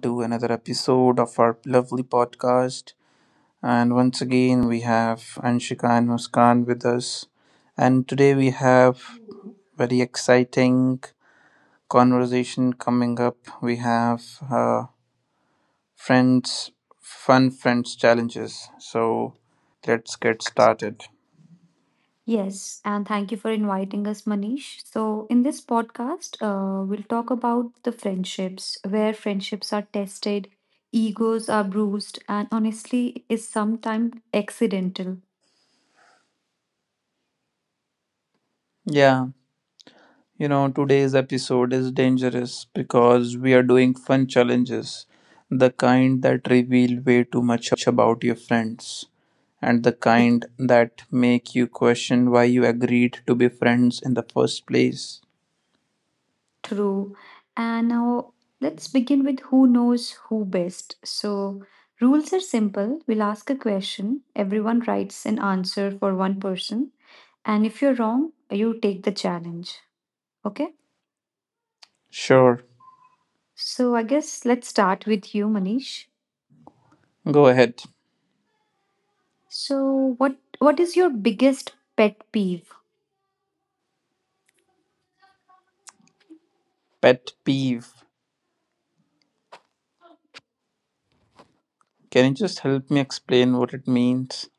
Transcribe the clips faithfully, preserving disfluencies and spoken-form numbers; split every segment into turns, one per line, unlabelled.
to another episode of our lovely podcast. And once again, we have Anshika and Muskan with us. And today, we have very exciting conversation coming up. We have uh, friends, fun friends challenges. So, let's get started.
Yes, and thank you for inviting us, Manish. So, in this podcast, uh, we'll talk about the friendships, where friendships are tested, egos are bruised, and honestly, is sometimes accidental.
Yeah, You know, today's episode is dangerous because we are doing fun challenges, the kind that reveal way too much about your friends, and the
Like,
kind that make you question why you agreed to be friends in the first place.
true. And now, let's begin with who knows who best. So, rules are simple. We'll ask a question, everyone writes an answer for one person, and if you're wrong, you take the challenge. Okay?
Sure,
So I guess let's start with you, Manish.
go ahead.
So what what is your biggest pet peeve?
Pet peeve. Can you just help me explain what it means?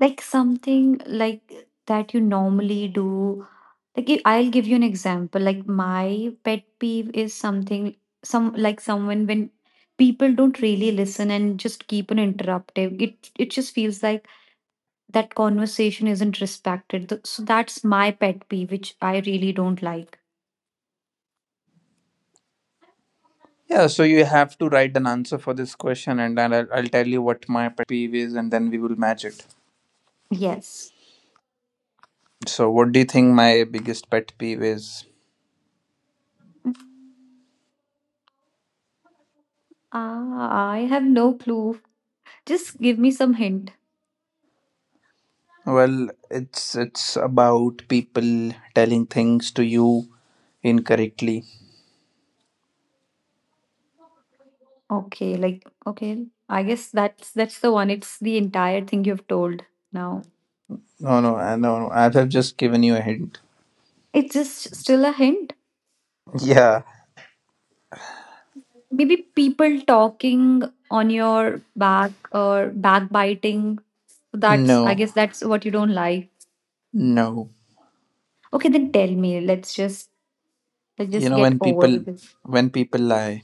Like something like that you normally do. Like if- I'll give you an example. Like my pet peeve is something some like someone, when people don't really listen and just keep on interrupting. It it just feels like that conversation isn't respected. Th- So that's my pet peeve, which I really don't like.
Yeah, so you have to write an answer for this question, and then I'll, I'll tell you what my pet peeve is, and then we will match it.
Yes.
So, what do you think my biggest pet peeve is?
Mm, I I have no clue. Just give me some hint.
Well, it's it's about people telling things to you incorrectly.
Okay, like okay, I guess that's that's the one. It's the entire thing you've told now.
No, no, I- no, no. I've, I've just given you a hint.
It's just still a hint.
Yeah.
Maybe people talking on your back or backbiting. That's, I
No,
guess that's what you don't like.
no.
Okay, then tell me. Let's just let's
You
just
know
get
when
over
people
with it.
when people lie.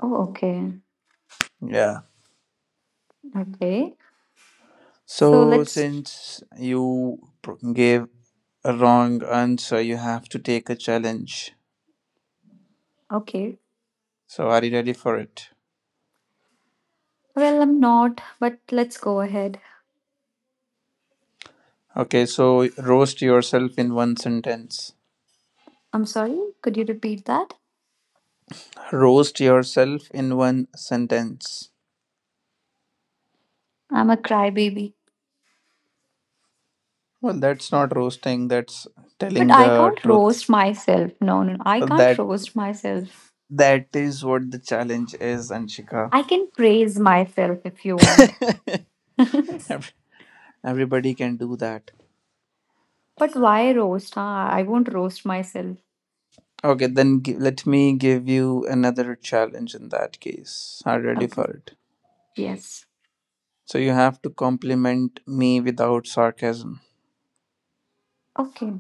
Oh, okay.
Yeah.
Okay. So
So
let's
since you pr- gave a wrong answer, you have to take a challenge.
okay.
So are you ready for it?
Well, I'm not, but let's go ahead.
Okay. So roast yourself in one sentence.
I'm sorry. Could you repeat that?
Roast yourself in one sentence.
I'm a crybaby.
Well, that's not roasting, that's
But
telling
I
the
can't
truth.
roast myself. No, no, no. I
Well,
can't
that
roast myself.
that is what the challenge is, Anshika.
I can praise myself if you want. But
Ev- Everybody can do that.
why roast? Huh? I won't roast myself.
Okay, then gi- let me give you another challenge in that case. Are you ready
Okay.
for it?
Yes.
So you have to compliment me without sarcasm.
Okay.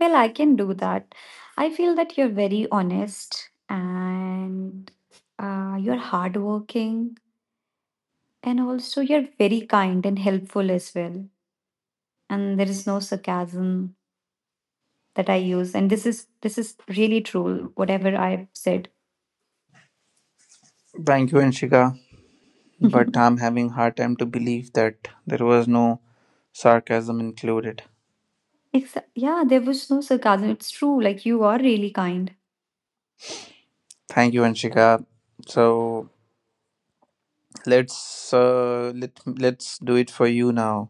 Well, I can do that. I feel that you're very honest and uh, you're hardworking, and also you're very kind and helpful as well. And there is no sarcasm that I use. And this is this is really true, whatever I've said.
Thank you, Anshika, but I'm having hard time to believe that there was no sarcasm included.
Exa yeah, there was no sarcasm. It's true, like, you are really kind.
Thank you, Anshika. So let's uh, let let's do it for you now.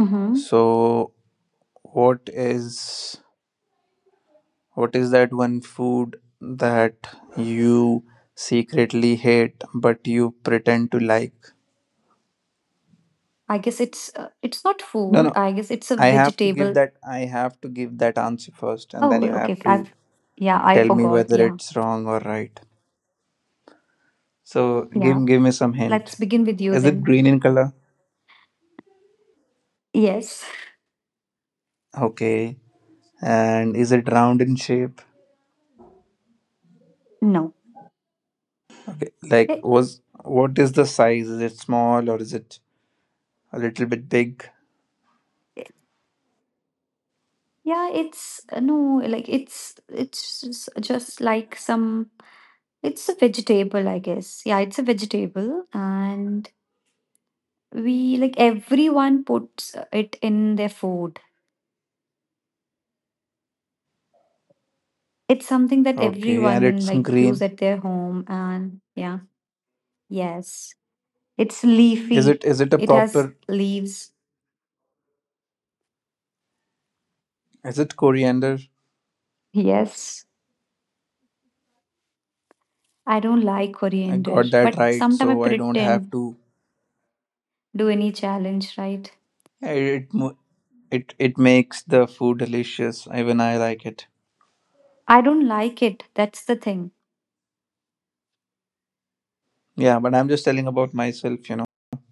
Mhm.
So what is what is that one food that you secretly hate but you pretend to like?
I guess it's uh, it's not
No, no,
food. I guess it's a
I have to give
vegetable.
that I have to give that answer first, and
Oh,
then you have
okay.
to
I've, yeah, I
tell me
forgot.
whether
Yeah.
it's wrong or right. So give
Yeah.
give me some
Let's
hint.
begin with you
Is it
then.
green in color?
Yes.
Okay. And is it round in shape?
No.
Okay. Like,
Eh,
was what is the size? Is it small or is it a little bit big?
eh, yeah, it's uh, no, like it's it's just just like some it's a vegetable, I guess. Yeah, it's a vegetable, and we like everyone puts it in their food. It's something that
Okay, and
everyone
it's
like use
green.
at their home, and yeah. Yes. It's
Is
leafy.
it is it a
It has
proper
leaves.
is it coriander?
Yes. I don't like
I
coriander,
got that
but
right,
sometimes I
so I don't have
pretend.
to.
Do any challenge, right?
Yeah. It mo- it it makes the food delicious. Even I like it.
I don't like it. That's the thing.
Yeah, but I'm just telling about myself, you know.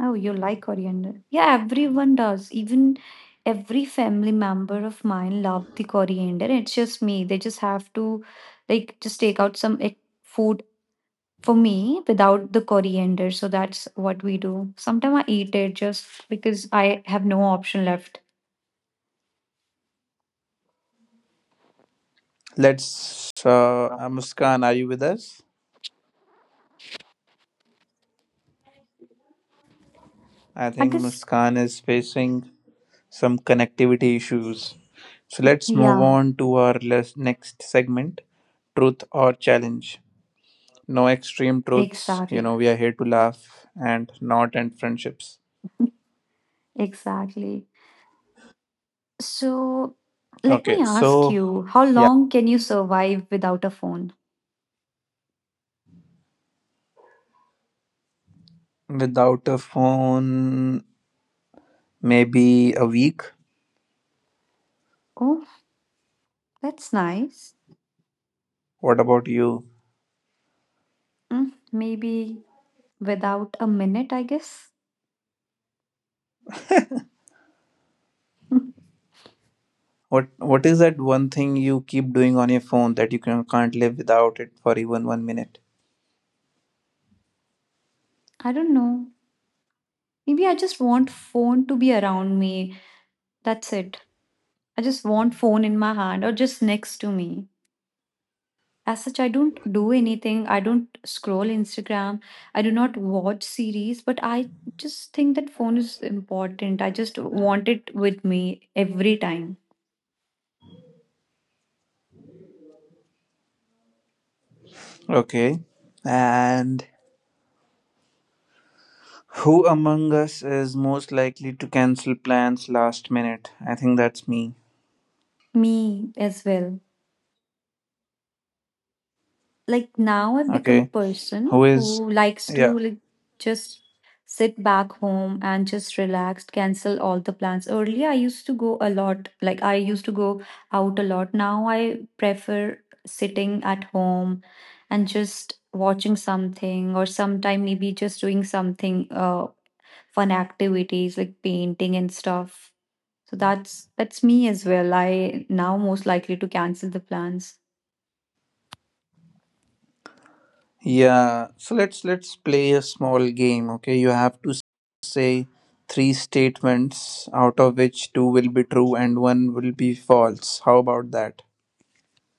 Oh, you like coriander. Yeah, everyone does. Even every family member of mine love the coriander. It's just me. They just have to like just take out some like, food for me without the coriander. So that's what we do. Sometimes I eat it just because I have no option left.
Let's uh, uh Muskan, are you with us? I
I
think
guess,
Muskan is facing some connectivity issues. So let's move
yeah,
on to our les- next segment, truth or challenge. No extreme truths. You
exactly.
know, we are here to laugh and not end friendships.
Exactly. So let
Okay,
me ask
so
you, how
yeah,
long can you survive without a phone?
without a phone, maybe a week.
Oh, that's nice.
What about you?
Mm, maybe without a minute, I guess.
What What is that one thing you keep doing on your phone that you can, can't live without it for even one minute?
I don't know. Maybe I just want phone to be around me. That's it. I just want phone in my hand or just next to me. As such, I don't do anything. I don't scroll Instagram. I do not watch series, but I just think that phone is important. I just want it with me every time.
Okay, and who among us is most likely to cancel plans last minute? I think that's me.
Me as well. Like now I've become a
Okay,
person
who is?
who likes
Yeah,
to like just sit back home and just relax, cancel all the plans. Earlier I used to go a lot, like I used to go out a lot. Now I prefer sitting at home and just watching something, or sometime maybe just doing something uh fun activities like painting and stuff. So that's that's me as well. I now most likely to cancel the plans.
yeah, so let's let's play a small game, okay? You have to say three statements out of which two will be true and one will be false. How about that?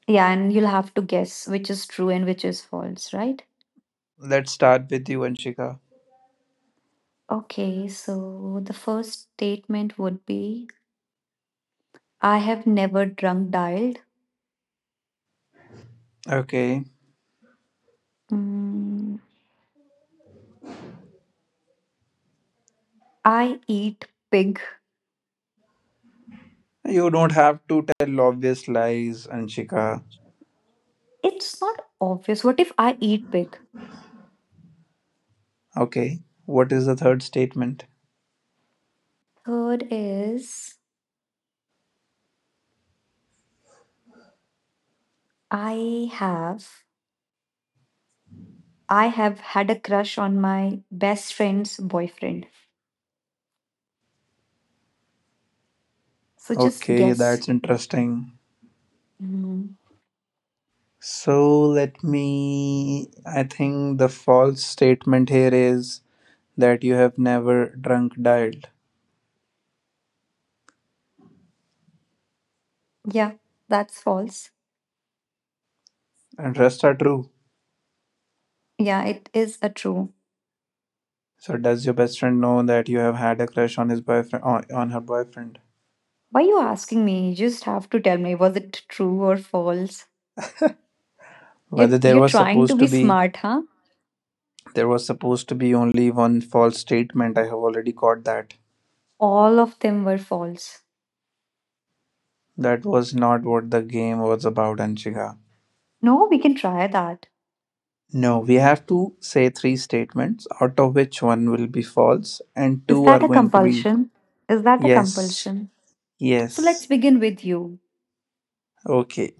Yeah, and you'll have to guess which is true and which is false, right?
Let's start with you, Anshika.
Okay, so the first statement would be, I have never drunk dialed.
Okay.
Mm, I eat pig.
You don't have to tell obvious lies, Anshika.
It's not obvious. What if I eat pig?
Okay. What is the third statement?
Third is, I have I have had a crush on my best friend's boyfriend. So just
Okay,
guess.
that's interesting.
Mm,
So let me I think the false statement here is that you have never drunk dialed.
yeah, that's false.
And rest are true.
Yeah, it is a true.
So does your best friend know that you have had a crush on his boyfriend, on, on her boyfriend?
Why are you asking me? You just have to tell me, was it true or false? You're
Whether there
you're
was
trying to
supposed to
be
be
smart, huh?
there was supposed to be only one false statement. I have already caught that.
All of them were false.
That was not what the game was about, Anshika.
No, we can try that.
No, we have to say three statements, out of which one will be false and
Is
two
that
are
a
going to be,
compulsion? Is that a
yes,
compulsion? So let's
yes.
begin with you.
Okay,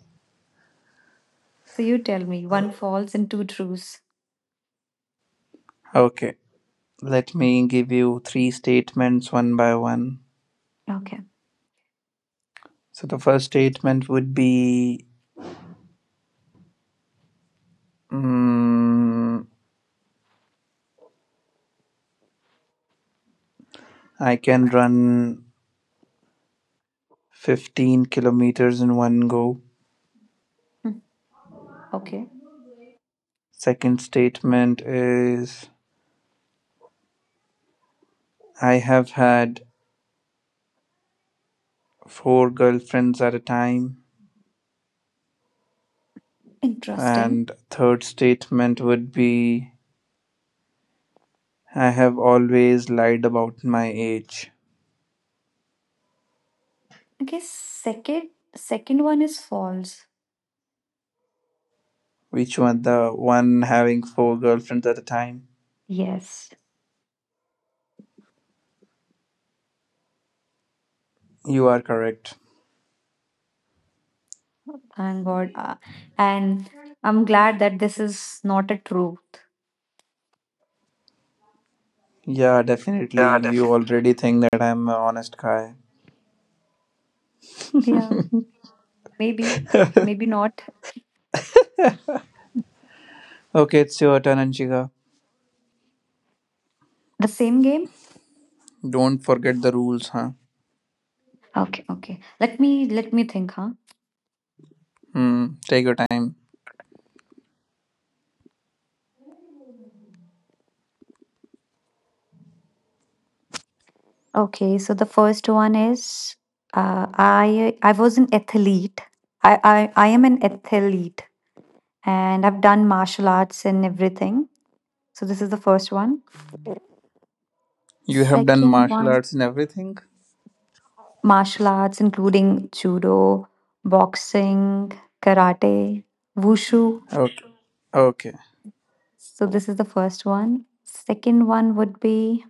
So you tell me one false and two trues.
okay. Let me give you three statements one by one.
Okay.
So the first statement would be, mm, I can run fifteen kilometers in one go.
Hmm. Okay.
Second statement is I have had four girlfriends at a time.
Interesting.
And third statement would be I have always lied about my age.
Okay, second second one is false.
Which one? The one having four girlfriends at a time?
Yes.
You are correct.
Thank God. Uh, and I'm glad that this is not a truth.
Yeah, definitely.
Yeah,
You
definitely.
already think that I'm an honest guy.
Yeah. Maybe, maybe not
Okay, it's your turn, Anshika.
the same game.
Don't forget the rules, huh?
Okay, okay. Let me let me think, huh?
Mm, take your time.
Okay, so the first one is, uh, I I was an athlete. I, I I am an athlete, and I've done martial arts and everything. So this is the first one.
You have done
Second
martial
one,
arts and everything?
martial arts including judo, boxing, karate, wushu.
Okay. Okay.
So this is the first one. Second one would be,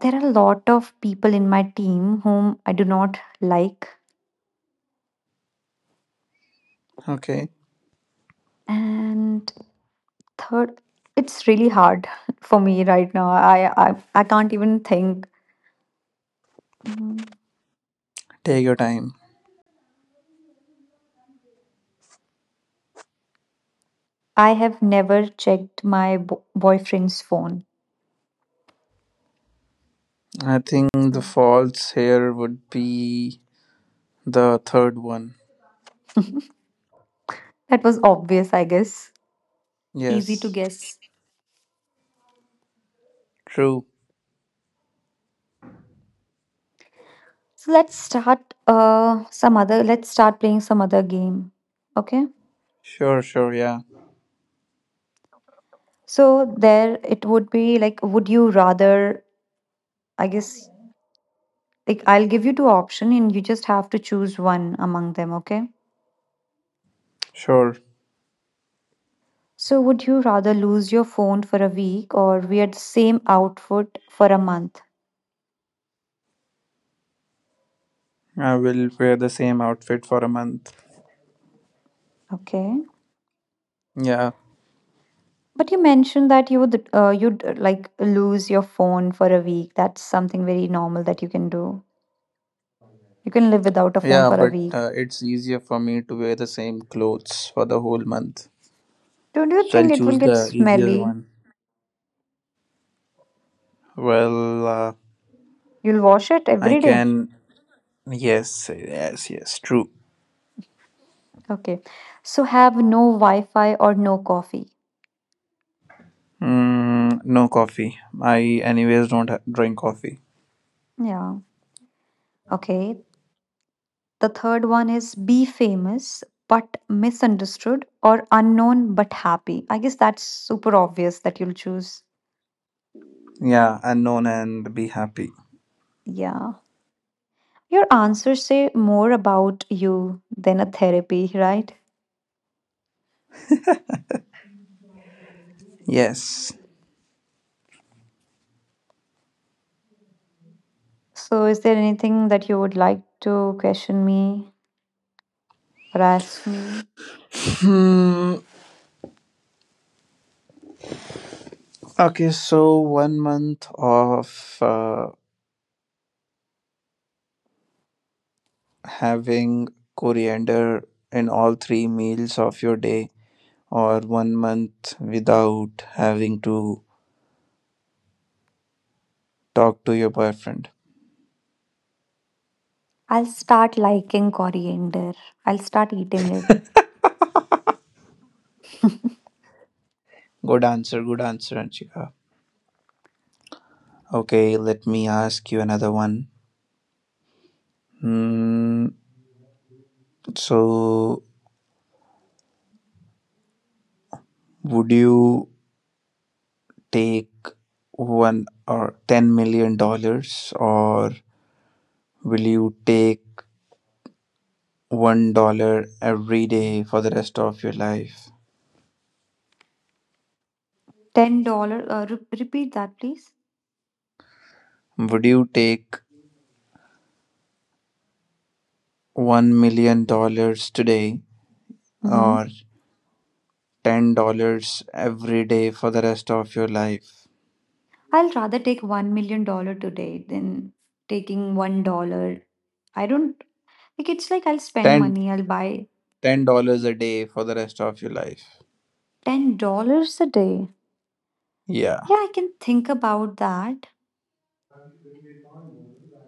there are a lot of people in my team whom I do not like.
Okay.
And third, it's really hard for me right now. I I, I can't even think. Mm,
Take your time.
I have never checked my bo- boyfriend's phone.
I think the faults here would be the third one.
That was obvious, I guess. Easy to
Yes.
guess.
True.
So let's start uh some other let's start playing some other game. Okay?
Sure, sure, yeah.
So there it would be like, would you rather, I guess. Like I'll give you two options and you just have to choose one among them, okay?
Sure.
So would you rather lose your phone for a week or wear the same outfit for a month?
I will wear the same outfit for a month.
Okay.
Yeah.
But you mentioned that you would uh, you'd uh, like lose your phone for a week. That's something very normal that you can do. You can live without a phone
Yeah,
for a
but
week.
uh, it's easier for me to wear the same clothes for the whole month.
Don't you
So
think
I'll
it
choose
will get
the easier
smelly?
one. Well, uh,
You'll wash it
I
every day.
can. Yes, yes, yes. True.
Okay. So have no Wi-Fi or no coffee.
Mm, no coffee. I anyways don't ha- drink coffee.
Yeah. Okay, the third one is be famous but misunderstood or unknown but happy. I guess that's super obvious that you'll choose.
Yeah, unknown and be happy.
Yeah. Your answers say more about you than a therapy, right?
Yes.
So, is there anything that you would like to question me or ask me?
Hmm. Okay, so one month of uh, having coriander in all three meals of your day, or one month without having to talk to your boyfriend.
I'll start liking coriander. I'll start eating it.
Good answer, good answer, Anshika. Okay, let me ask you another one. Hmm. So, would you take one or ten million dollars, or will you take one dollar every day for the rest of your life?
ten dollars. Uh, re- repeat that, please.
Would you take one million dollars today or ten dollars every day for the rest of your life?
I'll rather take one million dollar today than taking one dollar. I don't like, it's like I'll spend
Ten
money, I'll buy
ten dollars a day for the rest of your life.
ten dollars a day.
Yeah.
Yeah, I can think about that.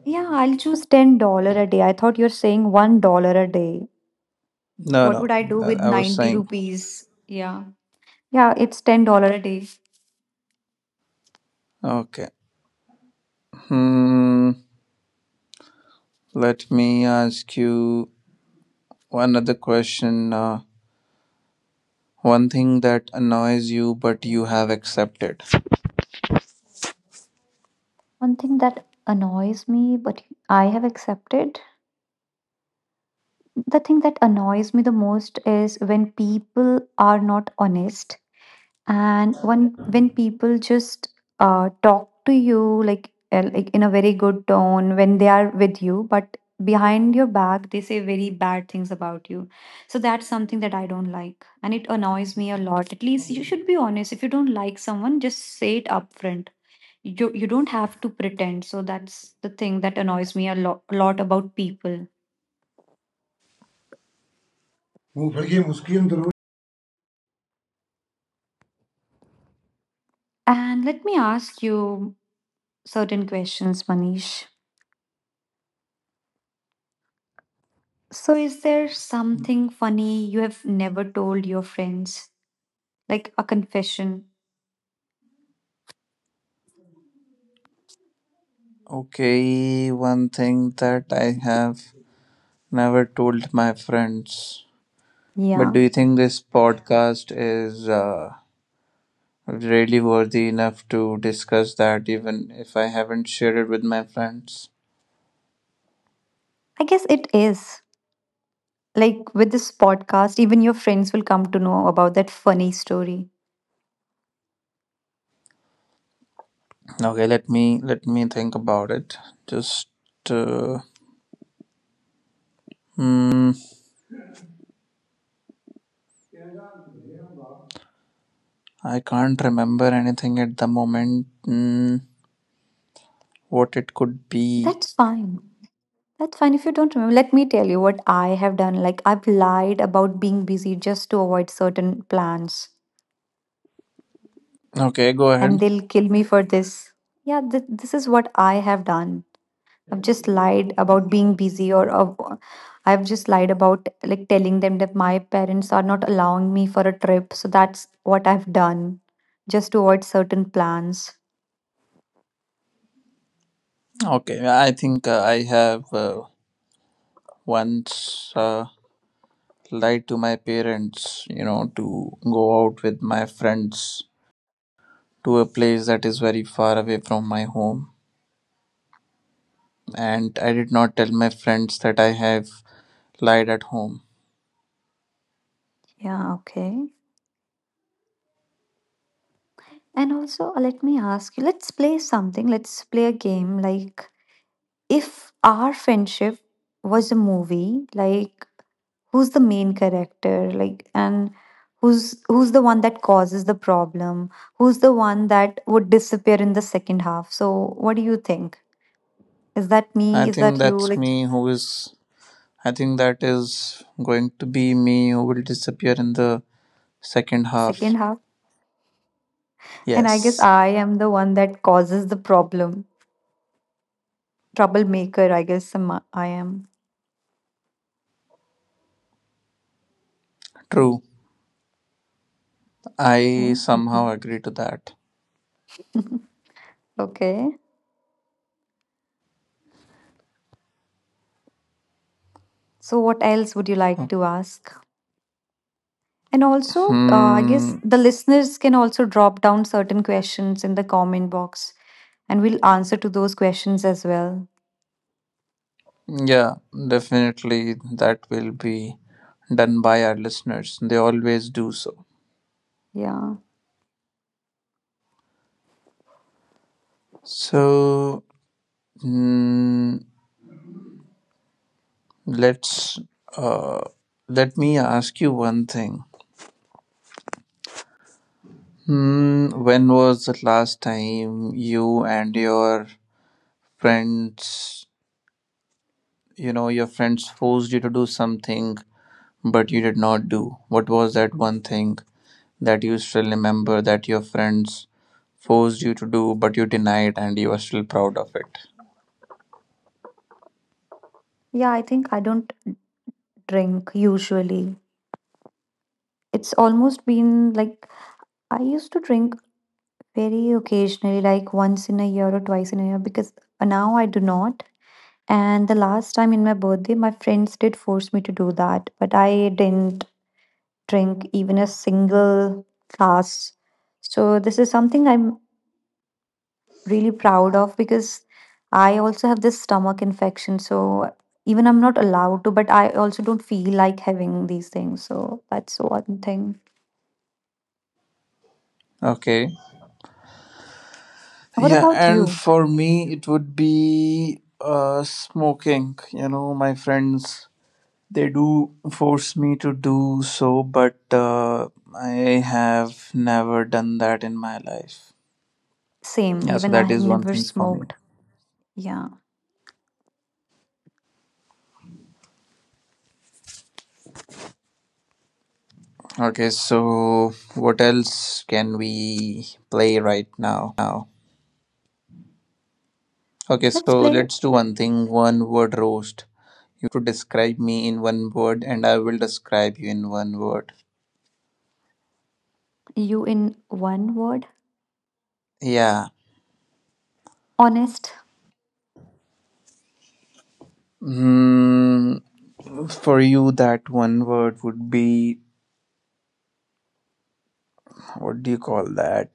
Yeah, I'll choose ten dollar a day. I thought you're saying one dollar a day.
No,
What would
no.
I do with
I I was
ninety
saying.
rupees? Yeah. Yeah, it's ten dollar a day.
Okay. Hmm. Let me ask you another question. Uh, One thing that annoys you but you have accepted.
One thing that annoys me, but I have accepted. The thing that annoys me the most is when people are not honest, and when when people just uh, talk to you like uh, like in a very good tone when they are with you, but behind your back they say very bad things about you. So that's something that I don't like and it annoys me a lot. At least you should be honest. If you don't like someone, just say it upfront. You you don't have to pretend. So that's the thing that annoys me a lot lot about people. And let me ask you certain questions, Manish. So, is there something funny you have never told your friends? Like a confession?
Okay, one thing that I have never told my friends. But do
Yeah,
you think this podcast is uh, really worthy enough to discuss that even if I haven't shared it with my friends?
I guess it is. Like with this podcast, even your friends will come to know about that funny story.
Okay, let me let me think about it. Just uh, hmm, I can't remember anything at the moment. Hmm, what it could be.
That's fine. That's fine if you don't remember. Let me tell you what I have done. Like, I've lied about being busy just to avoid certain plans,
Okay, go
and
ahead.
they'll kill me for this. Yeah, th- this is what I have done. I've just lied about being busy, or uh, I've just lied about like telling them that my parents are not allowing me for a trip. So that's what I've done just to avoid certain plans.
Okay, I think uh, I have uh, once uh, lied to my parents, you know, to go out with my friends to a place that is very far away from my home. And I did not tell my friends that I have lied at home.
Yeah, okay. And also, uh, let me ask you let's play something. Let's play a game. Like if our friendship was a movie, like who's the main character, like and who's who's the one that causes the problem, who's the one that would disappear in the second half? So what do you think? Is that
I
me? Is
think
that you?
that's
Like
me who is, I think that is going to be me who will disappear in the second half.
second half, and I guess
Yes,
I am the one that causes the problem. Troublemaker, I guess. am- I am.
true.
Okay.
I somehow
Mhm.
agree to that.
Okay, so what else would you like to ask? And also, uh, I guess
Hmm.
the listeners can also drop down certain questions in the comment box and we'll answer to those questions as well.
Yeah, definitely that will be done by our listeners. They always do so.
Yeah.
So mm, let's uh, let me ask you one thing. Hmm, when was the last time you and your friends, you know, your friends forced you to do something but you did not do? What was that one thing that you still remember that your friends forced you to do, but you denied and you are still proud of it?
Yeah, I think I don't drink usually. It's almost been like, I used to drink very occasionally, like once in a year or twice in a year, because now I do not. And the last time in my birthday, my friends did force me to do that, but I didn't drink even a single glass. So this is something I'm really proud of, because I also have this stomach infection. So even I'm not allowed to, but I also don't feel like having these things. So that's one thing.
Okay.
What
Yeah,
about
and
you?
for me, it would be uh, smoking. You know, my friends, they do force me to do so, but uh, I have never done that in my life.
Same.
Yeah, so
Even I
that
have
is one
never
thing for me.
smoked. Yeah.
Okay, so what else can we play right now? Okay,
Let's
so
play
let's do one thing: one word roast. You have to describe me in one word, and I will describe you in one word.
you in one word.
Yeah.
Honest.
Hmm. For you, that one word would be, what do you call that?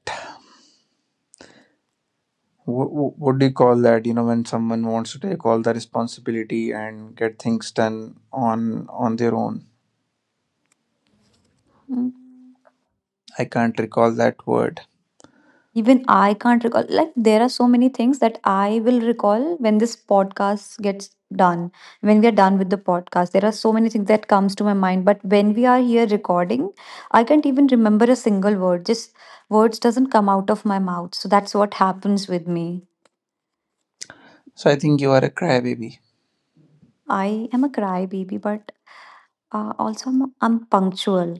What, what do you call that? You know, when someone wants to take all the responsibility and get things done on on their own.
Hmm.
I can't recall that word.
Even I can't recall. Like, there are so many things that I will recall when this podcast gets done. When we are done with the podcast, there are so many things that comes to my mind. But when we are here recording, I can't even remember a single word. Just words doesn't come out of my mouth. So that's what happens with me.
So I think you are a crybaby.
I am a crybaby, but uh, also I'm, I'm punctual.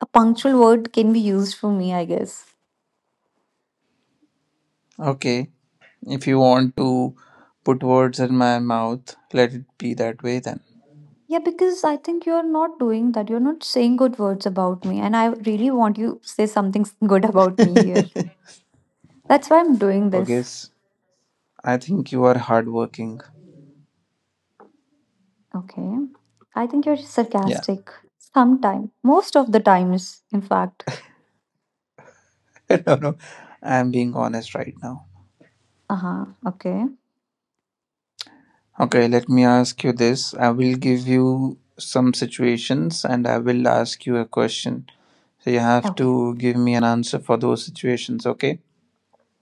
A punctual word can be used for me, I guess.
Okay. If you want to put words in my mouth, let it be that way then.
Yeah, because I think you're not doing that. You're not saying good words about me. And I really want you to say something s- good about me here. That's why I'm doing
Okay.
this.
s- I think you are hardworking.
Okay. I think you're
Yeah.
sarcastic. Sometime. Most of the times, in fact.
No, no, I'm being honest right now.
Uh huh. Okay.
Okay, let me ask you this. I will give you some situations and I will ask you a question. So you have
Okay.
to give me an answer for those situations, okay?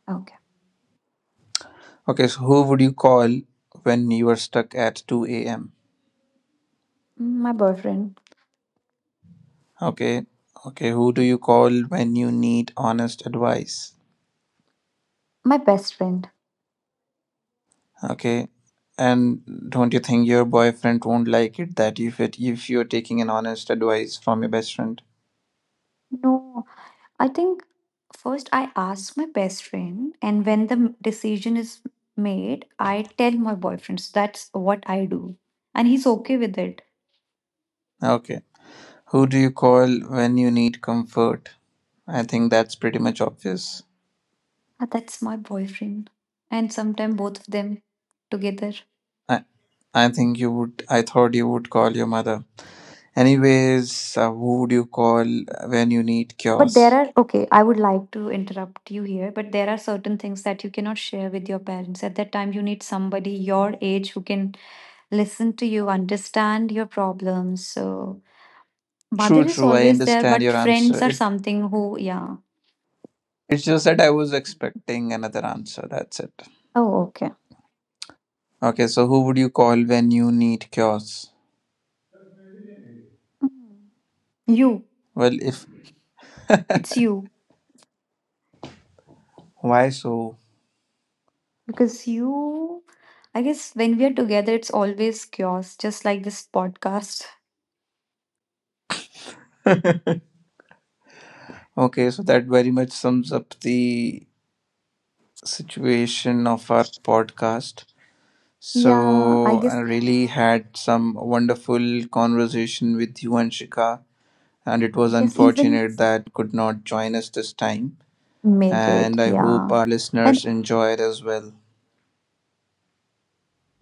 Okay.
Okay, so who would you call when you are stuck at two a m?
Mm, my boyfriend.
Okay, okay, who do you call when you need honest advice?
My best friend.
Okay. And don't you think your boyfriend won't like it that if it if you're taking an honest advice from your best friend?
No, I think first I ask my best friend, and when the m- decision is made, I tell my boyfriend. So that's what I do. And he's okay with it.
Okay. Who do you call when you need comfort? I think that's pretty much obvious.
Ah, that's my boyfriend. And sometimes both of them together.
I I think you would I thought you would call your mother. Anyways, uh, who would you call when you need
But there
chaos?
are, okay, I would like to interrupt you here, but there are certain things that you cannot share with your parents. At that time, you need somebody your age who can listen to you, understand your problems. So, mother
True,
is
true. I
always there,
understand
but
your answer.
friends are
It
something who, yeah.
it's just that I was expecting another answer. That's it.
Oh, okay.
Okay, so who would you call when you need chaos?
Mm. You,
Well, if,
it's you.
why so?
Because you, I guess when we are together, it's always chaos, just like this podcast.
Okay, so that very much sums up the situation of our podcast.
Yeah, I
So I
guess.
really had some wonderful conversation with you, Anshika, and it was
Yes, even
unfortunate that uh, Muskan could not join us this time.
make it.
And I hope
Yeah.
our listeners
And
enjoy it as well.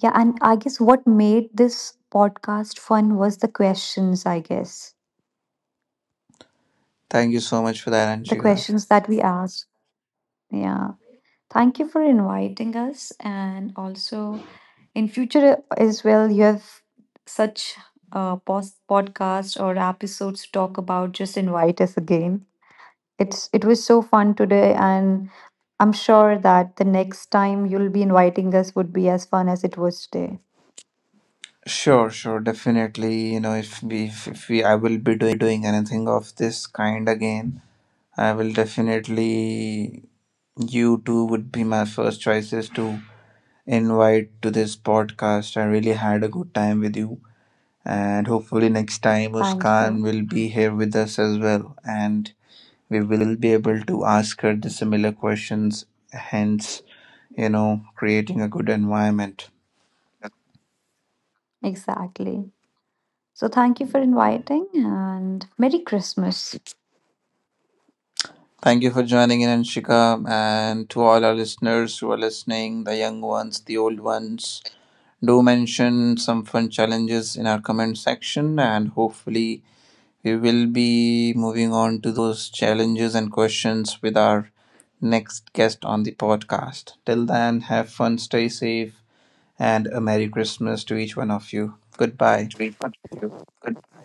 yeah, and I guess what made this podcast fun was the questions, I guess.
Thank you so much for that,
The
Anshika.
questions that we asked. Yeah. Thank you for inviting us. And also in future uh, as well, you have such uh post podcast or episodes to talk about, just invite us again. It's it was so fun today, and I'm sure that the next time you'll be inviting us would be as fun as it was today.
Sure, sure, definitely. You know, if we, if, if we, I will be doing anything of this kind again. I will definitely. You two would be my first choices to invite to this podcast. I really had a good time with you, and hopefully, next time
Thank
Muskan
you.
will be here with us as well, and we will be able to ask her the similar questions, hence, you know, creating a good environment.
Exactly. So thank you for inviting and Merry Christmas. It's
Thank you for joining in, Anshika, and to all our listeners who are listening, the young ones, the old ones. Do mention some fun challenges in our comment section, and hopefully, we will be moving on to those challenges and questions with our next guest on the podcast. Till then, have fun, stay safe, and a Merry Christmas to each one of you. Goodbye.
great fun.